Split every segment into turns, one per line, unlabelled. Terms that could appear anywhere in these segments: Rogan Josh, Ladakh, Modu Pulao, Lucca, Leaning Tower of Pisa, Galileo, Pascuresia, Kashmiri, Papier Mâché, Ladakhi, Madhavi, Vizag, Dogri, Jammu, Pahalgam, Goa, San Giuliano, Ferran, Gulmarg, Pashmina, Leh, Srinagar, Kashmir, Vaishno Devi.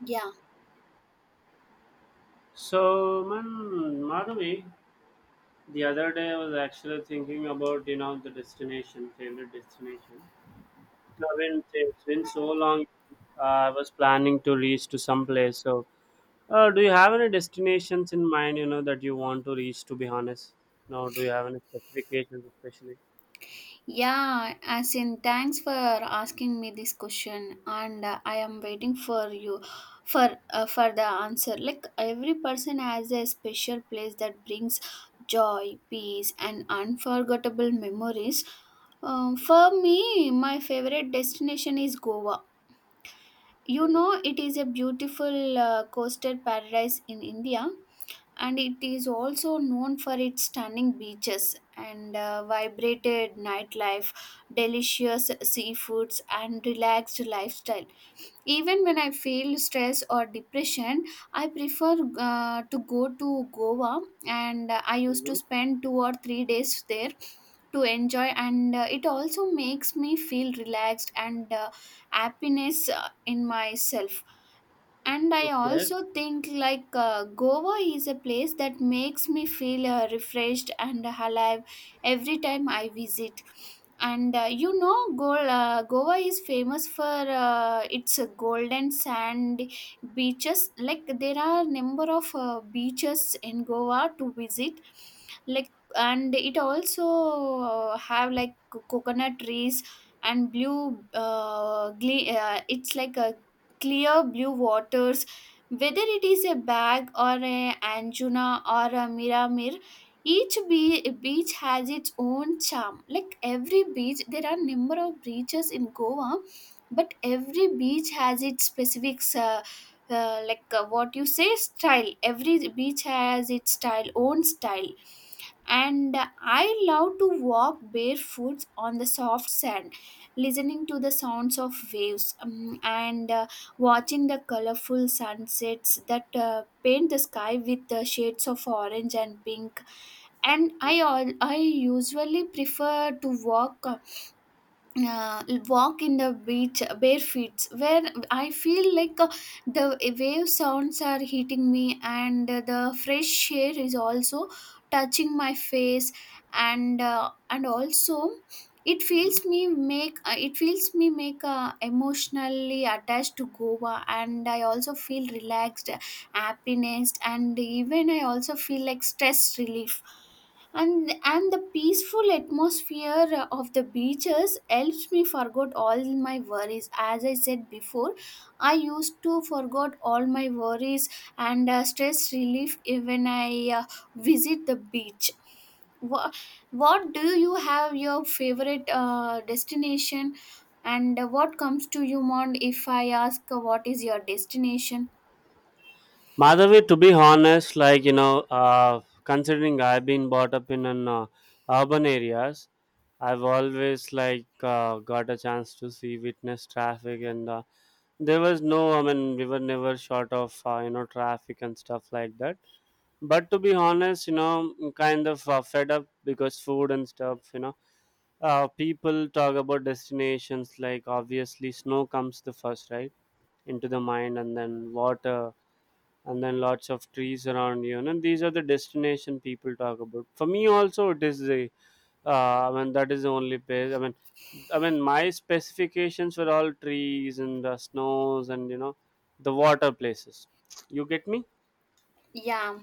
Yeah,
So, man, Madhavi, the other day I was actually thinking about, the destination, favorite destination. I mean, it's been so long. I was planning to reach to some place. So, do you have any destinations in mind, that you want to reach? To be honest, no. Do you have any specifications, especially?
yeah, as in, thanks for asking me this question, and I am waiting for you for the answer. Like every person has a special place that brings joy, peace, and unforgettable memories. For me, my favorite destination is Goa. You
Okay.
know, it is a beautiful coastal paradise in India, and it is also known for its stunning beaches and vibrated nightlife, delicious seafoods, and relaxed lifestyle. Even when I feel stress or depression, I prefer to go to Goa, and I used to
Mm-hmm.
spend 2 or 3 days there to enjoy, and it also makes me feel relaxed and happiness in myself. And I
Okay.
also think like Goa is a place that makes me feel refreshed and alive every time I visit. And you know, Goa is famous for its golden sand beaches. Like there are number of beaches in Goa to visit, like, and it also have like coconut trees and blue, it's like a clear blue waters, whether it is a Bag or a Anjuna or a Miramir, each beach has its own charm. Like every beach, there are number of beaches in Goa, but every beach has its specific like, what you say, style. Every beach has its style, own style. And I love to walk barefoot on the soft sand, listening to the sounds of waves, and watching the colorful sunsets that paint the sky with the shades of orange and pink. And I
Mm-hmm.
all I usually prefer to walk, uh, walk in the beach bare feet, where I feel like the wave sounds are hitting me and the fresh air is also touching my face. And also,
Mm-hmm.
it feels me make, emotionally attached to Goa, and I also feel relaxed, happiness, and even I also feel like stress relief. And the peaceful atmosphere of the beaches helps me forget all my worries. As I said before, I used to forget all my worries and stress relief even I uh, visit the beach. Wha- what do you have your favorite destination, and what comes to your mind if I ask what is your destination?
Madhavi, to be honest, like considering I've been brought up in an urban areas, I've always like got a chance to see witness traffic, and there was no. I mean, we were never short of traffic and stuff like that. But to be honest, I'm kind of fed up because food and stuff. People talk about destinations like obviously snow comes the first, right, into the mind, and then water, and then lots of trees around you. And these are the destination people talk about. For me, also, it is the I mean that is the only place. I mean, my specifications were all trees and the snows and the water places. You get me?
Yeah,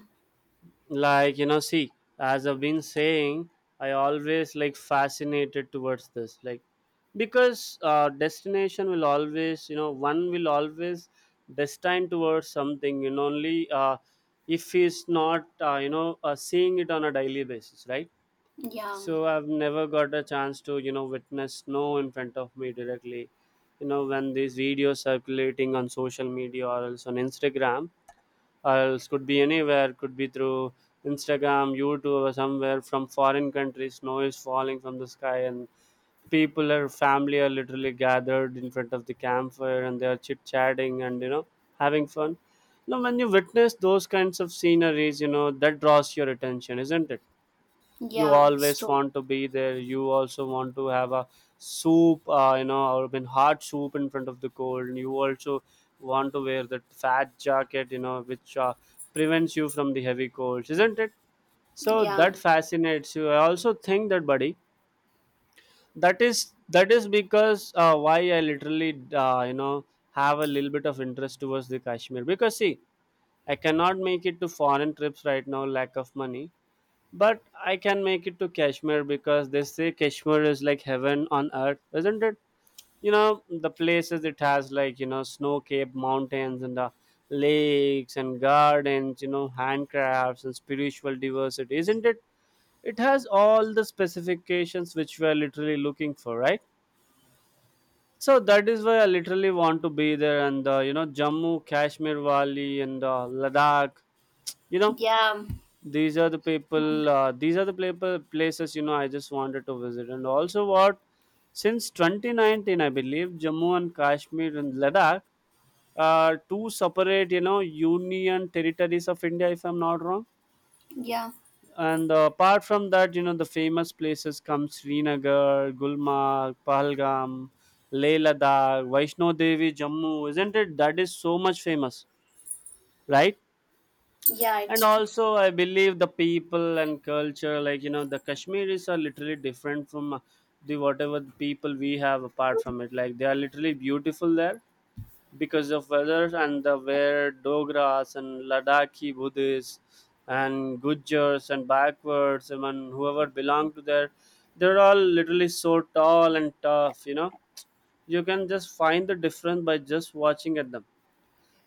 Like see, as I've been saying, I always like fascinated towards this, like because destination will always, one will always destine towards something. Only if he's not, seeing it on a daily basis, right?
yeah,
So I've never got a chance to witness snow in front of me directly. You know, when these videos circulating on social media or else on Instagram, or else could be anywhere, could be through Instagram, YouTube, or somewhere from foreign countries, snow is falling from the sky and people or family are literally gathered in front of the campfire and they are chit chatting and having fun. Now when you witness those kinds of sceneries, you know that draws your attention, isn't it? You
yeah,
always
so
want to be there, you also want to have a soup, or been hot soup in front of the cold, and you also want to wear that fat jacket, you know, which prevents you from the heavy colds, isn't it? So
yeah,
that fascinates you, I also think that, buddy. That is because why I literally have a little bit of interest towards the Kashmir, because see, I cannot make it to foreign trips right now, lack of money, but I can make it to Kashmir because they say Kashmir is like heaven on earth, isn't it? You know, the places it has, like, you know, snow capped mountains and the lakes and gardens, you know, handcrafts and spiritual diversity, isn't it? It has all the specifications which we are literally looking for, right? So that is why I literally want to be there and, you know, Jammu, Kashmir Valley and Ladakh, you know,
yeah,
these are the people places, you know, I just wanted to visit. And also what, since 2019 I believe Jammu and Kashmir and Ladakh are two separate, you know, union territories of India, if I'm not wrong.
yeah.
And apart from that, you know, the famous places come Srinagar, Gulmarg, Pahalgam, Leh, Ladakh, Vaishno Devi, Jammu, isn't it, that is so much famous, right?
Yeah,
And
it's true.
also I believe the people and culture, like you know, the Kashmiris are literally different from the whatever people we have apart from it, like they are literally beautiful there because of weather. And the where Dogras and Ladakhi Buddhists and Gujars and backwards and whoever belong to there, they're all literally so tall and tough, you know. You can just find the difference by just watching at them.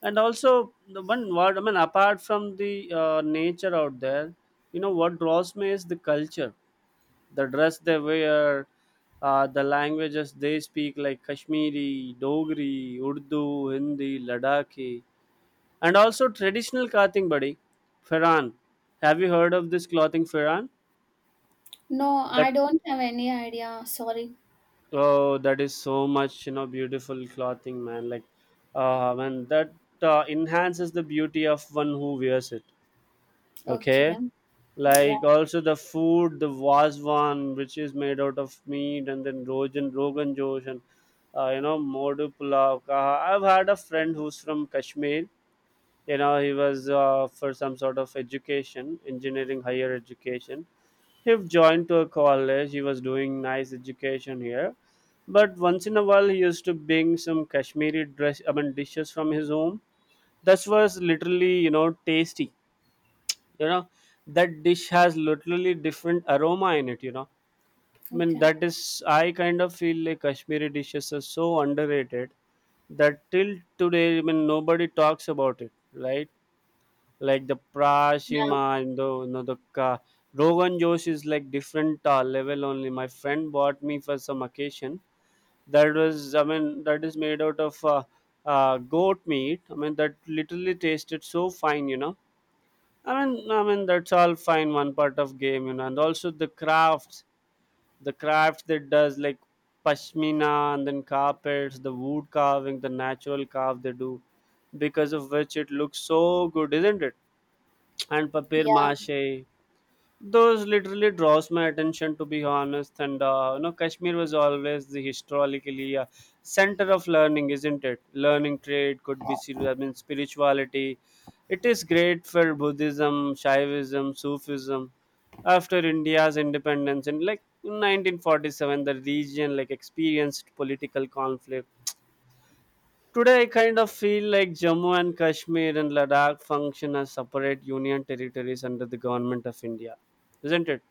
And also, the one word, I mean, apart from the nature out there, you know, what draws me is the culture, the dress they wear, the languages they speak, like Kashmiri, Dogri, Urdu, Hindi, Ladakhi, and also traditional clothing, buddy, Ferran. Have you heard of this clothing, Ferran?
No, I
That
don't have any idea. Sorry.
oh, that is so much, you know, beautiful clothing, man. Like, man, that enhances the beauty of one who wears it. Okay,
Okay. Yeah.
like also the food, the wasvan, which is made out of meat, and then rogan josh, and you know, modu pulao kaha. I've had a friend who's from Kashmir. You know, he was for some sort of education, engineering higher education. He joined to a college, he was doing nice education here, but once in a while he used to bring some Kashmiri dress, I mean dishes from his home. That was literally, you know, tasty, you know. That dish has literally different aroma in it, you know. I mean,
Okay.
that is, I kind of feel like Kashmiri dishes are so underrated that till today, I mean, nobody talks about it, right? Like the
Yeah.
prashima and the, you know, the rogan josh is like different level only. My friend bought me for some occasion. That was, I mean, that is made out of goat meat. I mean, that literally tasted so fine, you know. I mean, that's all fine. One part of game, you know, and also the crafts that does like pashmina and then carpets, the wood carving, the natural carve they do, because of which it looks so good, isn't it? And papier
Yeah.
mâché, those literally draws my attention, to be honest. And you know, Kashmir was always the historically center of learning, isn't it? Learning, trade, could be I mean spirituality. It is great for Buddhism, Shaivism, Sufism. After India's independence in like 1947, the region like experienced political conflict. Today I kind of feel like Jammu and Kashmir and Ladakh function as separate union territories under the government of India, isn't it?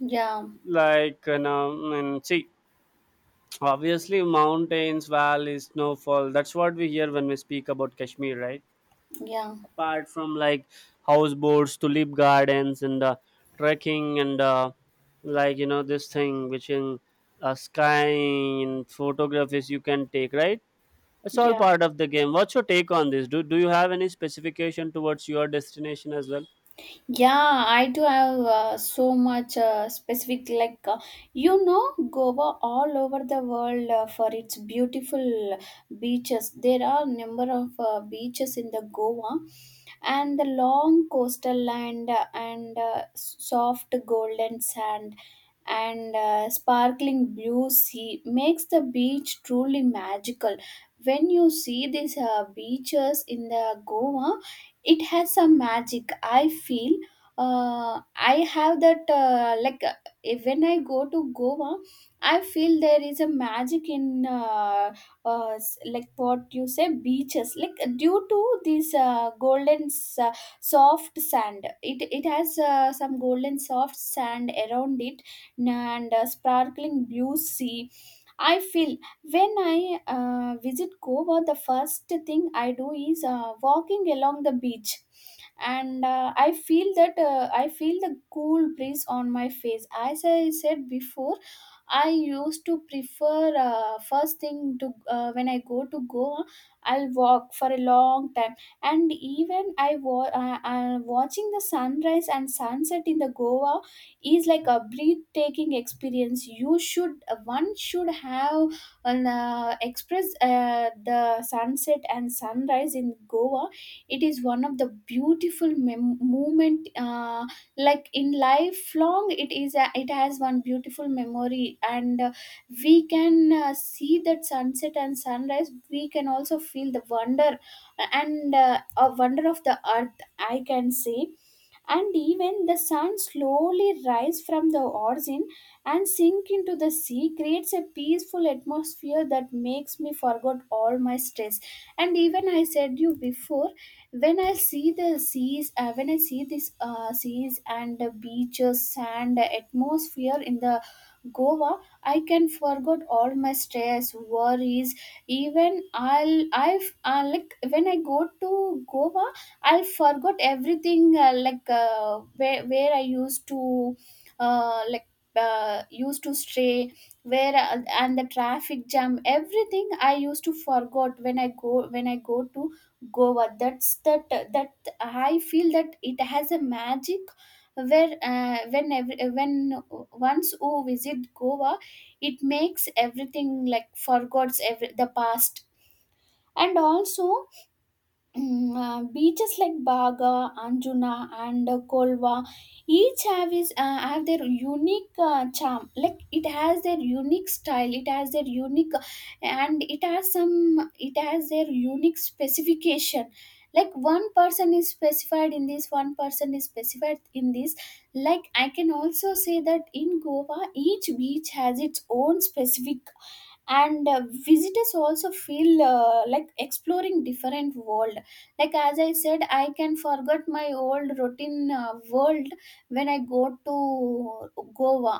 Yeah.
Like you know, and see, obviously mountains, valleys, snowfall, that's what we hear when we speak about Kashmir, right?
Yeah.
Apart from like houseboats, tulip gardens, and trekking, and like you know, this thing which in skying and photographies you can take, right? It's all
Yeah.
part of the game. What's your take on this? Do you have any specification towards your destination as well?
Yeah, I do have so much specific, like, you know, Goa all over the world for its beautiful beaches. There are number of beaches in the Goa, and the long coastal land and soft golden sand and sparkling blue sea makes the beach truly magical. When you see these beaches in the Goa, it has some magic, I feel. I have that like, when I go to Goa, I feel there is a magic in uh, like, what you say, beaches, like due to this golden, soft sand, it has some golden soft sand around it and sparkling blue sea, I feel. When I visit Goa, the first thing I do is walking along the beach, and I feel that I feel the cool breeze on my face. As I said before, I used to prefer first thing to when I go to Goa, I'll walk for a long time, and even watching the sunrise and sunset in the Goa is like a breathtaking experience. You should, one should have and express the sunset and sunrise in Goa. It is one of the beautiful moment, like in lifelong. It is a, it has one beautiful memory, and we can see that sunset and sunrise. We can also feel the wonder and a wonder of the earth, I can say. And even the sun slowly rise from the origin and sink into the sea creates a peaceful atmosphere that makes me forget all my stress. And even I said you before, when I see the seas, when I see this seas and the beaches sand atmosphere in the Goa, I can forget all my stress, worries. Even I've like, when I go to Goa, I forgot everything, like, where I used to like, used to stray, where, and the traffic jam, everything I used to forgot when I go, when I go to Goa. That's that I feel that it has a magic, where, when once you visit Goa, it makes everything like forgets every the past. And also, beaches like Baga, Anjuna, and Kolva, each have is have their unique charm. Like it has their unique style, it has their unique, and it has some, it has their unique specification. Like one person is specified in this, one person is specified in this. Like I can also say that in Goa, each beach has its own specific, and visitors also feel like exploring different world, like as I said, I can forget my old routine world when I go to Goa.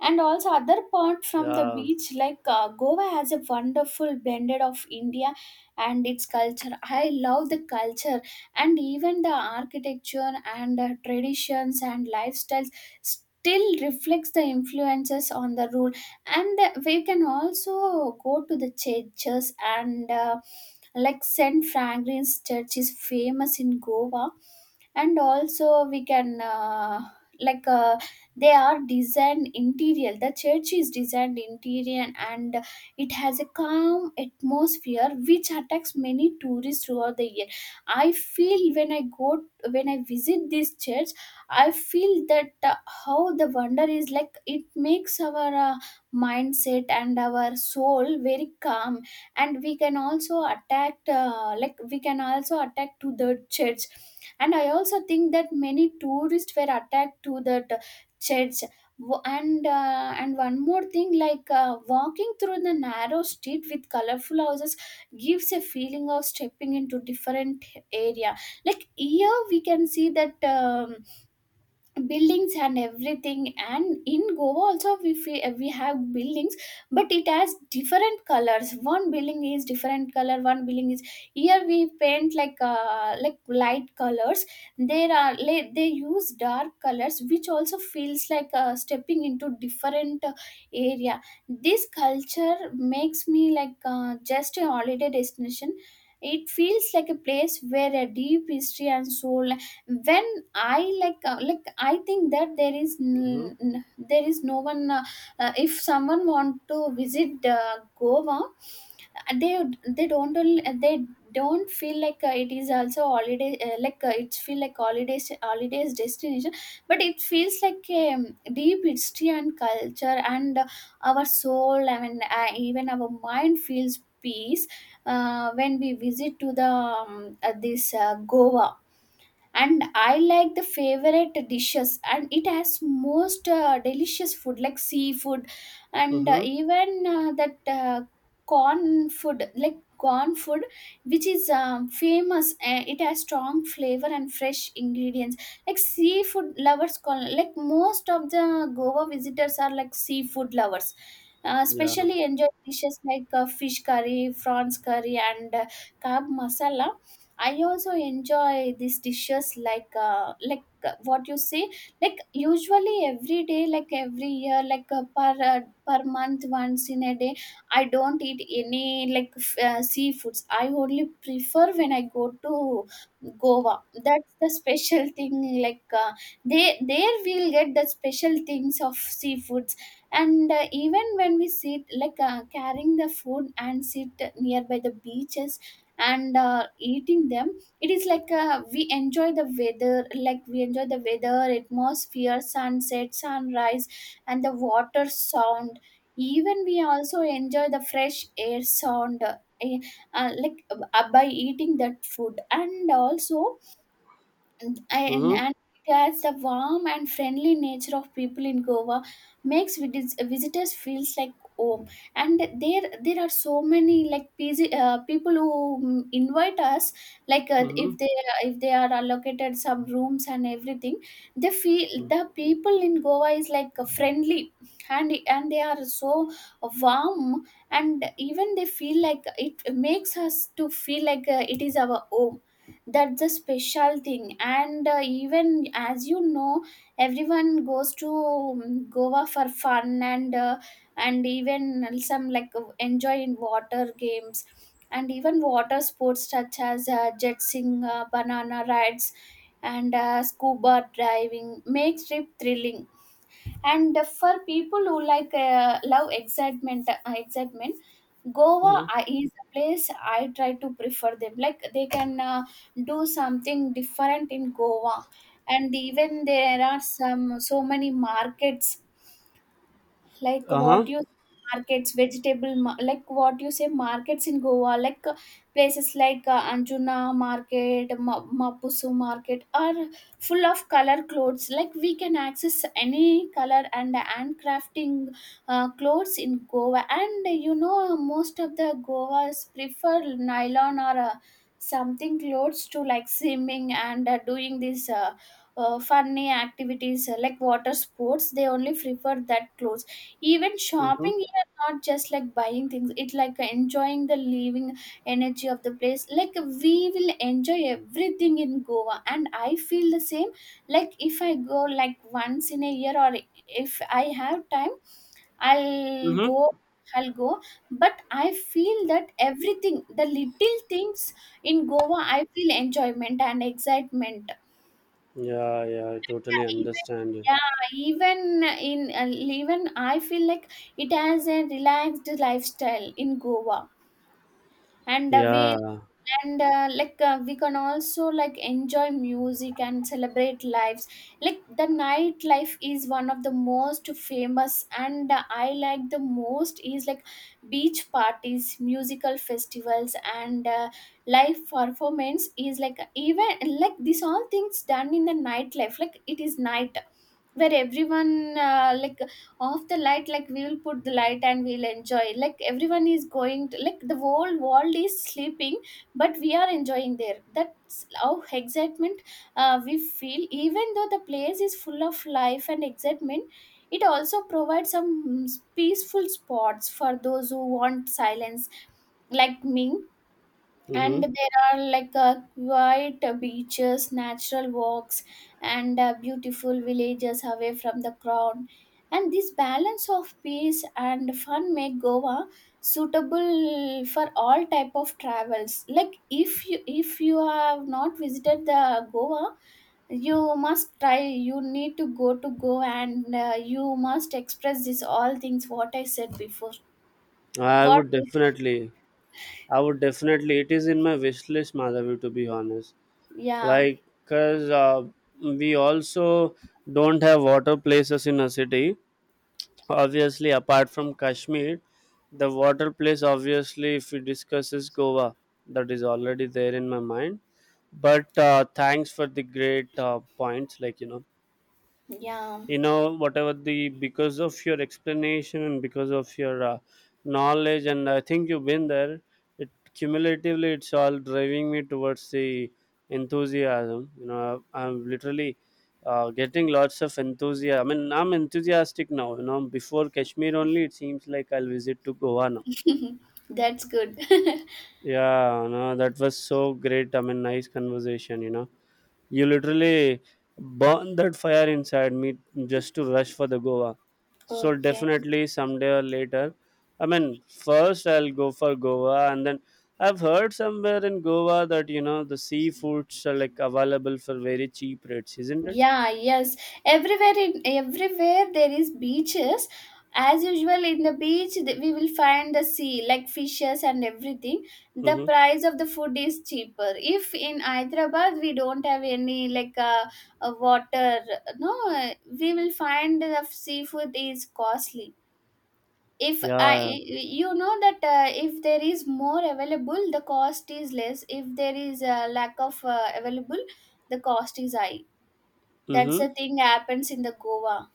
And also, other part from the
Yeah.
beach, like, Goa has a wonderful blended of India and its culture. I love the culture and even the architecture and traditions and lifestyles still reflects the influences on the rule. And we can also go to the churches, and like St. Fragrance Church is famous in Goa. And also we can, like uh, they are designed interior, the church is designed interior, and it has a calm atmosphere which attracts many tourists throughout the year. I feel when I go, when I visit this church, I feel that how the wonder is, like it makes our mindset and our soul very calm. And we can also attract, like, we can also attract to the church. And I also think that many tourists were attacked to that church. And one more thing, like walking through the narrow street with colorful houses gives a feeling of stepping into different area. Like here we can see that buildings and everything, and in Goa also we have buildings, but it has different colors. One building is different color, one building is, here we paint like, like, light colors. They use dark colors, which also feels like stepping into different area. This culture makes me like, just a holiday destination. It feels like a place where a deep history and soul, when I like, I think that
Mm-hmm.
there is no one, if someone want to visit Goa, they don't feel like it is also holiday, like, it's feel like holidays, holidays destination, but it feels like a deep history and culture, and our soul, I mean, even our mind feels peace, when we visit to the this Goa. And I like the favorite dishes, and it has most delicious food like seafood, and
Mm-hmm.
even that corn food, like corn food, which is famous. It has strong flavor and fresh ingredients. Like seafood lovers call, like most of the Goa visitors are like seafood lovers,
Yeah.
especially enjoy dishes like fish curry, prawns curry, and kab masala. I also enjoy these dishes like, what you say, like usually every day, like every year, like per month, once in a day, I don't eat any like, seafoods. I only prefer when I go to Goa. That's the special thing, like they, there we'll get the special things of seafoods. And even when we sit, like carrying the food and sit nearby the beaches and eating them, it is like we enjoy the weather, like we enjoy the weather atmosphere, sunset, sunrise, and the water sound. Even we also enjoy the fresh air sound, eh, like, by eating that food. And also, and, and
Mm-hmm.
and it adds the warm and friendly nature of people in Goa makes visitors feels like home. And there are so many like busy, people who invite us. Like
Mm-hmm.
if they are allocated some rooms and everything, they feel the people in Goa is like friendly, and they are so warm, and even they feel like it makes us to feel like it is our home. That's the special thing. And even as you know, everyone goes to goa for fun. And and even some like enjoy in water games, and even water sports such as jetsing, banana rides, and scuba diving makes trip thrilling. And for people who like love excitement, Goa
Mm-hmm.
is a place I try to prefer them. Like they can do something different in Goa, and even there are some so many markets, like
Uh-huh.
what you markets vegetable like what you say markets in goa. Like places like anjuna market, mapusu market are full of color clothes, like we can access any color, and crafting clothes in goa. And you know, most of the goas prefer nylon or something clothes to like swimming and doing these funny activities, like water sports, they only prefer that clothes. Even
Mm-hmm.
shopping here, not just like buying things, it like enjoying the living energy of the place. Like we will enjoy everything in Goa. And I feel the same. Like if I go like once in a year, or if I have time, I'll
Mm-hmm.
go I'll go. But I feel that everything, the little things in Goa, I feel enjoyment and excitement.
Yeah, yeah, I totally understand you.
Yeah, even yeah, even in even I feel like it has a relaxed lifestyle in Goa. And we
Yeah.
and like we can also like enjoy music and celebrate lives. Like the nightlife is one of the most famous, and I like the most is like beach parties, musical festivals, and live performance is like even like these all things done in the nightlife. Like it is night where everyone like off the light, like we will put the light and we'll enjoy, like everyone is going to like the whole world is sleeping, but we are enjoying there. That's how excitement we feel. Even though the place is full of life and excitement, it also provides some peaceful spots for those who want silence, like me.
Mm-hmm.
And there are like quiet beaches, natural walks, and beautiful villages away from the crowd. And this balance of peace and fun make goa suitable for all type of travels. Like if you have not visited the goa, you must try, you need to go to Goa, and you must express this all things what I said before.
I
What?
would definitely, I would definitely, it is in my wish list, Madhavi, to be honest.
Yeah,
Like, because we also don't have water places in a city. Obviously, apart from Kashmir, the water place, obviously, if we discuss is Goa. That is already there in my mind. But thanks for the great points, like, you know.
yeah,
You know, whatever the, because of your explanation and because of your knowledge, and I think you've been there, it cumulatively, it's all driving me towards the enthusiasm, you know. I'm literally getting lots of enthusiasm. I mean, I'm enthusiastic now, you know. Before Kashmir only, it seems like I'll visit to Goa now.
that's good
Yeah, no, that was so great. I mean, nice conversation, you know. You literally burn that fire inside me just to rush for the Goa. So
Okay.
definitely someday or later. I mean, first I'll go for Goa, and then I've heard somewhere in Goa that, you know, the seafoods are like available for very cheap rates, isn't it?
Yeah, yes. Everywhere in everywhere there is beaches. As usual in the beach, we will find the sea, like fishes and everything. The
Mm-hmm.
price of the food is cheaper. If in Hyderabad we don't have any like water, no, we will find the seafood is costly. If I,
Yeah.
you know that if there is more available, the cost is less. If there is a lack of available, the cost is high. That's
Mm-hmm.
the thing happens in the Goa.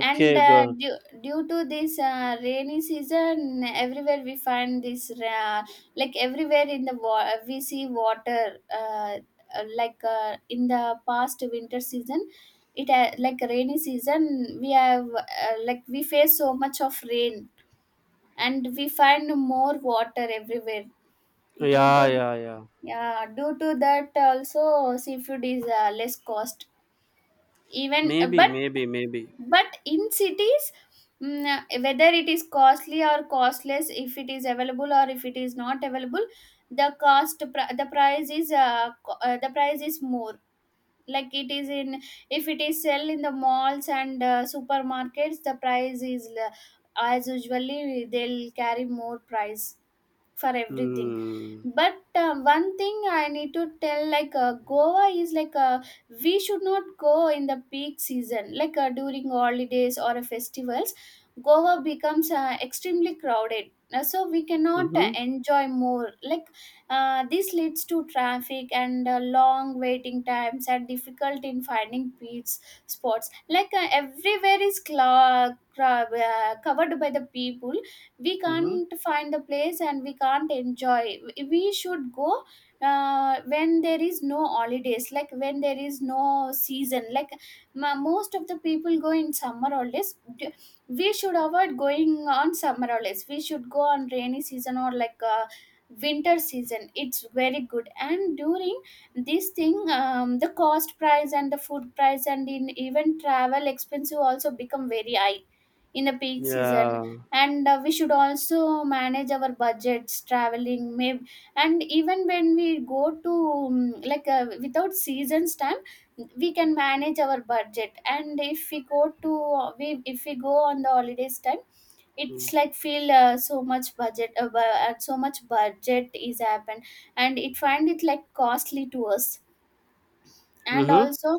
And
good.
due to this rainy season, everywhere we find this, like everywhere in the we see water, like in the past winter season, it like rainy season, we have, like we face so much of rain, and we find more water everywhere due
Yeah,
to
yeah, yeah.
yeah, due to that also seafood is less cost. Even
Maybe, maybe, maybe.
but in cities, whether it is costly or costless, if it is available or if it is not available, the cost the price is the price is more, like it is in if it is sell in the malls and supermarkets, the price is as usually they'll carry more price for everything.
Mm.
But one thing I need to tell, like goa is like we should not go in the peak season, like during holidays or festivals. Goa becomes extremely crowded. So we cannot
Mm-hmm.
enjoy more, like this leads to traffic and long waiting times and difficult in finding beach spots. Like everywhere is covered by the people. We
Mm-hmm.
can't find the place and we can't enjoy. We should go when there is no holidays, like when there is no season, like most of the people go in summer holidays. We should avoid going on summer holidays. We should go on rainy season or like winter season. It's very good. And during this thing, the cost price and the food price and in even travel expensive also become very high in the peak season.
Yeah.
And we should also manage our budgets traveling, maybe. And even when we go to like without seasons time, we can manage our budget. And if we go to we if we go on the holidays time, it's like feel so much so much budget is happened, and it find it like costly to us. And
Mm-hmm.
also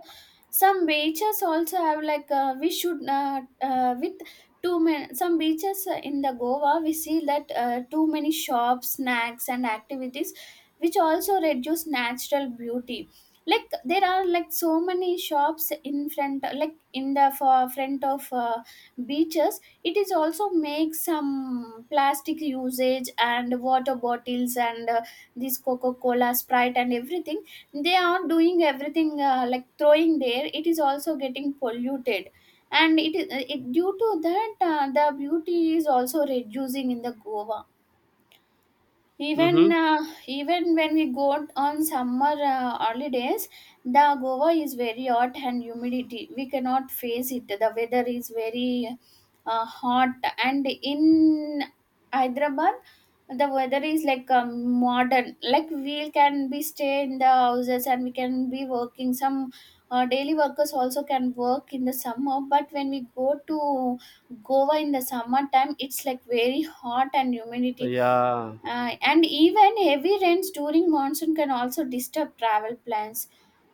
some beaches also have like we should with too many some beaches in the goa, we see that too many shops, snacks and activities, which also reduce natural beauty. Like there are like so many shops in front, like in the for front of beaches, it is also make some plastic usage and water bottles and this coca cola, sprite and everything. They are doing everything, like throwing there, it is also getting polluted, and it is due to that the beauty is also reducing in the goa. Even
Mm-hmm.
even when we go on summer holidays, the goa is very hot and humidity, we cannot face it. The weather is very hot. And in hyderabad the weather is like modern, like we can be stay in the houses and we can be working some daily workers also can work in the summer. But when we go to goa in the summer time, it's like very hot and humidity.
Yeah.
And even heavy rains during monsoon can also disturb travel plans.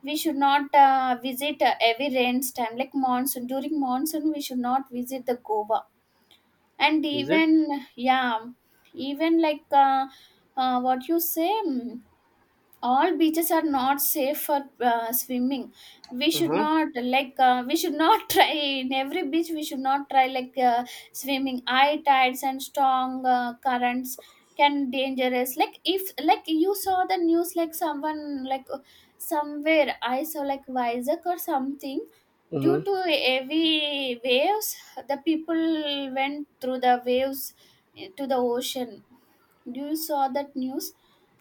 We should not visit heavy rains time like monsoon. During monsoon, we should not visit the Goa. And
Is it?
even yeah, even like what you say. All beaches are not safe for swimming. We should
Uh-huh.
not like we should not try in every beach. We should not try, like swimming, high tides and strong currents can dangerous. Like if like you saw the news, like someone like somewhere I saw like Vizag or something, due
Mm-hmm.
to heavy waves, the people went through the waves to the ocean. Do you saw that news?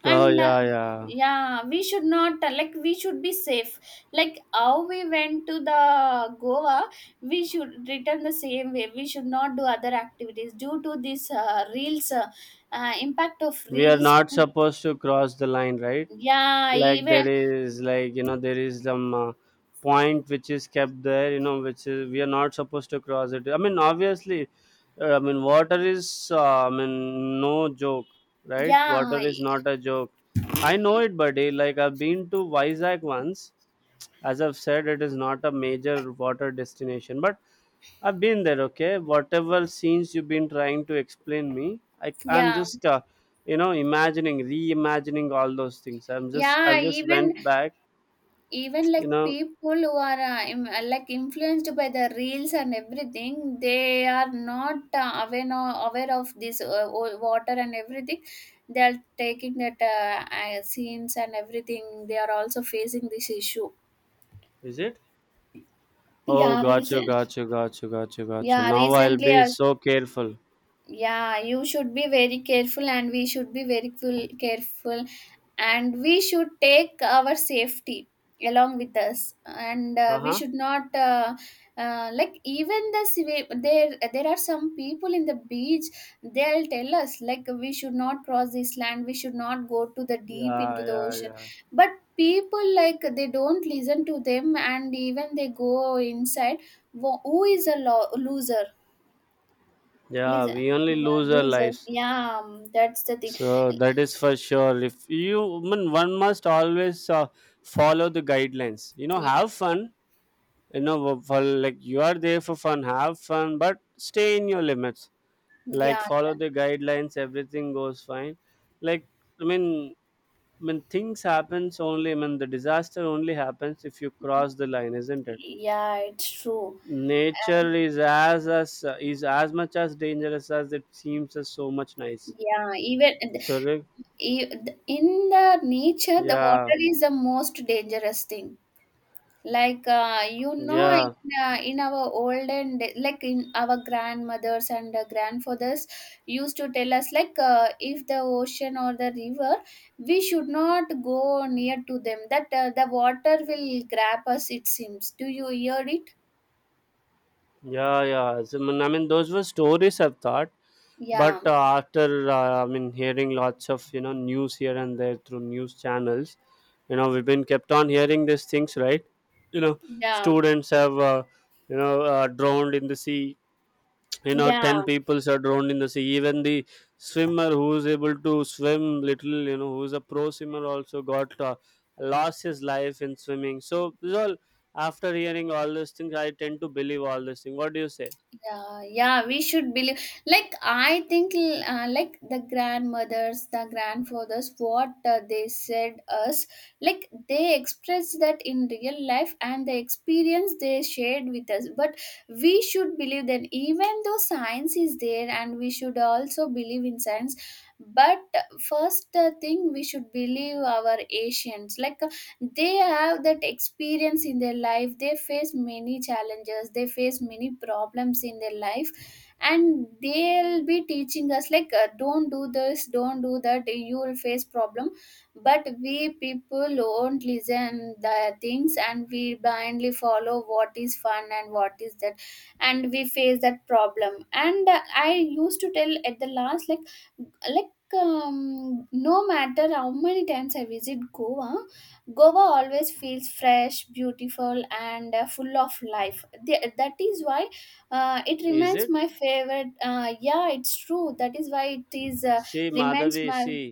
Oh
And
yeah, yeah.
yeah, we should not like we should be safe. Like how we went to the goa, we should return the same way. We should not do other activities due to this reels impact of
We are
reels.
not supposed to cross the line, right?
Yeah,
Like
even
there is like there is some point which is kept there, you know, which is we are not supposed to cross it. I mean, obviously, I mean water is I mean no joke, right?
yeah,
Water is not a joke. I know it, buddy. Like I've been to Vizag once. As I've said, it is not a major water destination, but I've been there. Okay, whatever scenes you've been trying to explain me, I'm
yeah,
just imagining, reimagining all those things. I'm just, I
yeah,
just
even.
went back,
Even
you
like
know.
people who are like influenced by the reels and everything, they are not aware no, aware of this water and everything. They are taking that scenes and everything. They are also facing this issue.
Is it? Oh,
Yeah,
got you
recent.
got you got you got you got you.
Yeah,
Now I'll
recently
be
I
so careful.
yeah, you should be very careful, and we should be very careful, and we should take our safety along with us. And we
Uh-huh.
should not like even the there there are some people in the beach, they'll tell us like we should not cross this land, we should not go to the deep
Yeah,
into the
yeah,
ocean.
yeah.
But people like they don't listen to them, and even they go inside. Who is a loser.
Yeah,
Loser.
we only
Yeah,
lose our
losers.
lives.
Yeah, that's the thing.
So that is for sure. If you, I mean, one must always follow the guidelines. You know,
Yeah,
have fun. You know, for like you are there for fun, have fun, but stay in your limits. Like
yeah,
follow the guidelines, everything goes fine. Like I mean, when things happens only, I mean, the disaster only happens if you cross the line, isn't it?
yeah, it's true.
Nature is as much as dangerous as it seems as so much nice.
Yeah, even
So like,
e- in the nature, the
yeah,
water is the most dangerous thing. Like, you know, Yeah.
yeah.
In our olden day, like in our grandmothers and grandfathers used to tell us, like, if the ocean or the river, we should not go near to them. That the water will grab us. It seems. Do you hear it?
Yeah, yeah. So, I mean, those were stories I've thought,
Yeah,
but after I mean, hearing lots of news here and there through news channels, you know, we've been kept on hearing these things, right? You know,
yeah,
students have drowned in the sea. You know,
yeah.
ten peoples are drowned in the sea. Even the swimmer who's able to swim little, you know, who's a pro swimmer also got lost his life in swimming. So, this all, after hearing all these things, I tend to believe all these things. What do you say?
Yeah, yeah, we should believe. Like I think like the grandmothers, the grandfathers what they said us, like they expressed that in real life and the experience they shared with us. But we should believe that, even though science is there, and we should also believe in science. But first thing we should believe our ancients, like they have that experience in their life, they face many challenges, they face many problems in their life, and they'll be teaching us, like don't do this, don't do that, you will face problem. But we people won't listen the things, and we blindly follow what is fun and what is that, and we face that problem. And I used to tell at the last, like no matter how many times I visit goa, Goa always feels fresh, beautiful, and full of life. That is why it
Is
remains
it?
my favorite. Yeah, it's true. That is why it is
see
remains
madhavi
my
see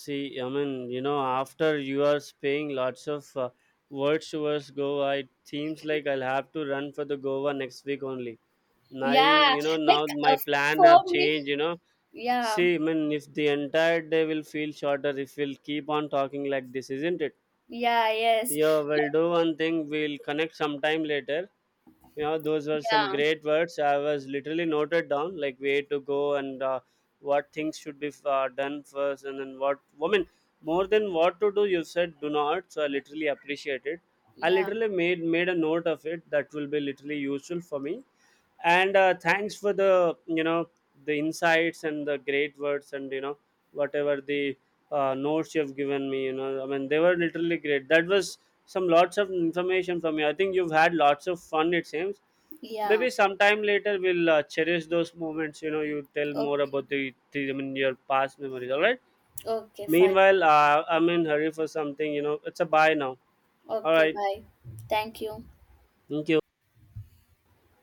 see I mean, you know, after you are saying lots of words towards Goa, it seems like I'll have to run for the Goa next week only. Now
yeah.
you know, now
Like
my plan
for
have
me,
changed, you know.
yeah,
See, I mean, if the entire day will feel shorter if we'll keep on talking like this, isn't it?
yeah, yes,
Yeah, we'll do one thing, we'll connect sometime later. You know, those were some
yeah,
great words, I was literally noted down, like way to go. And what things should be done first and then what. Woman, more than what to do, you said do not, so I literally appreciate it. I
yeah,
literally made a note of it, that will be literally useful for me. And thanks for the, you know, the insights and the great words, and you know, whatever the notes you've given me, you know, I mean, they were literally great. That was some lots of information from you. I think you've had lots of fun, it seems.
yeah.
Maybe sometime later we'll cherish those moments, you know. You tell more
Okay,
about the I mean your past memories, all right?
okay, fine.
Meanwhile, I'm in hurry for something, you know, it's a bye now. All
Okay,
right.
bye. Thank you.
Thank you.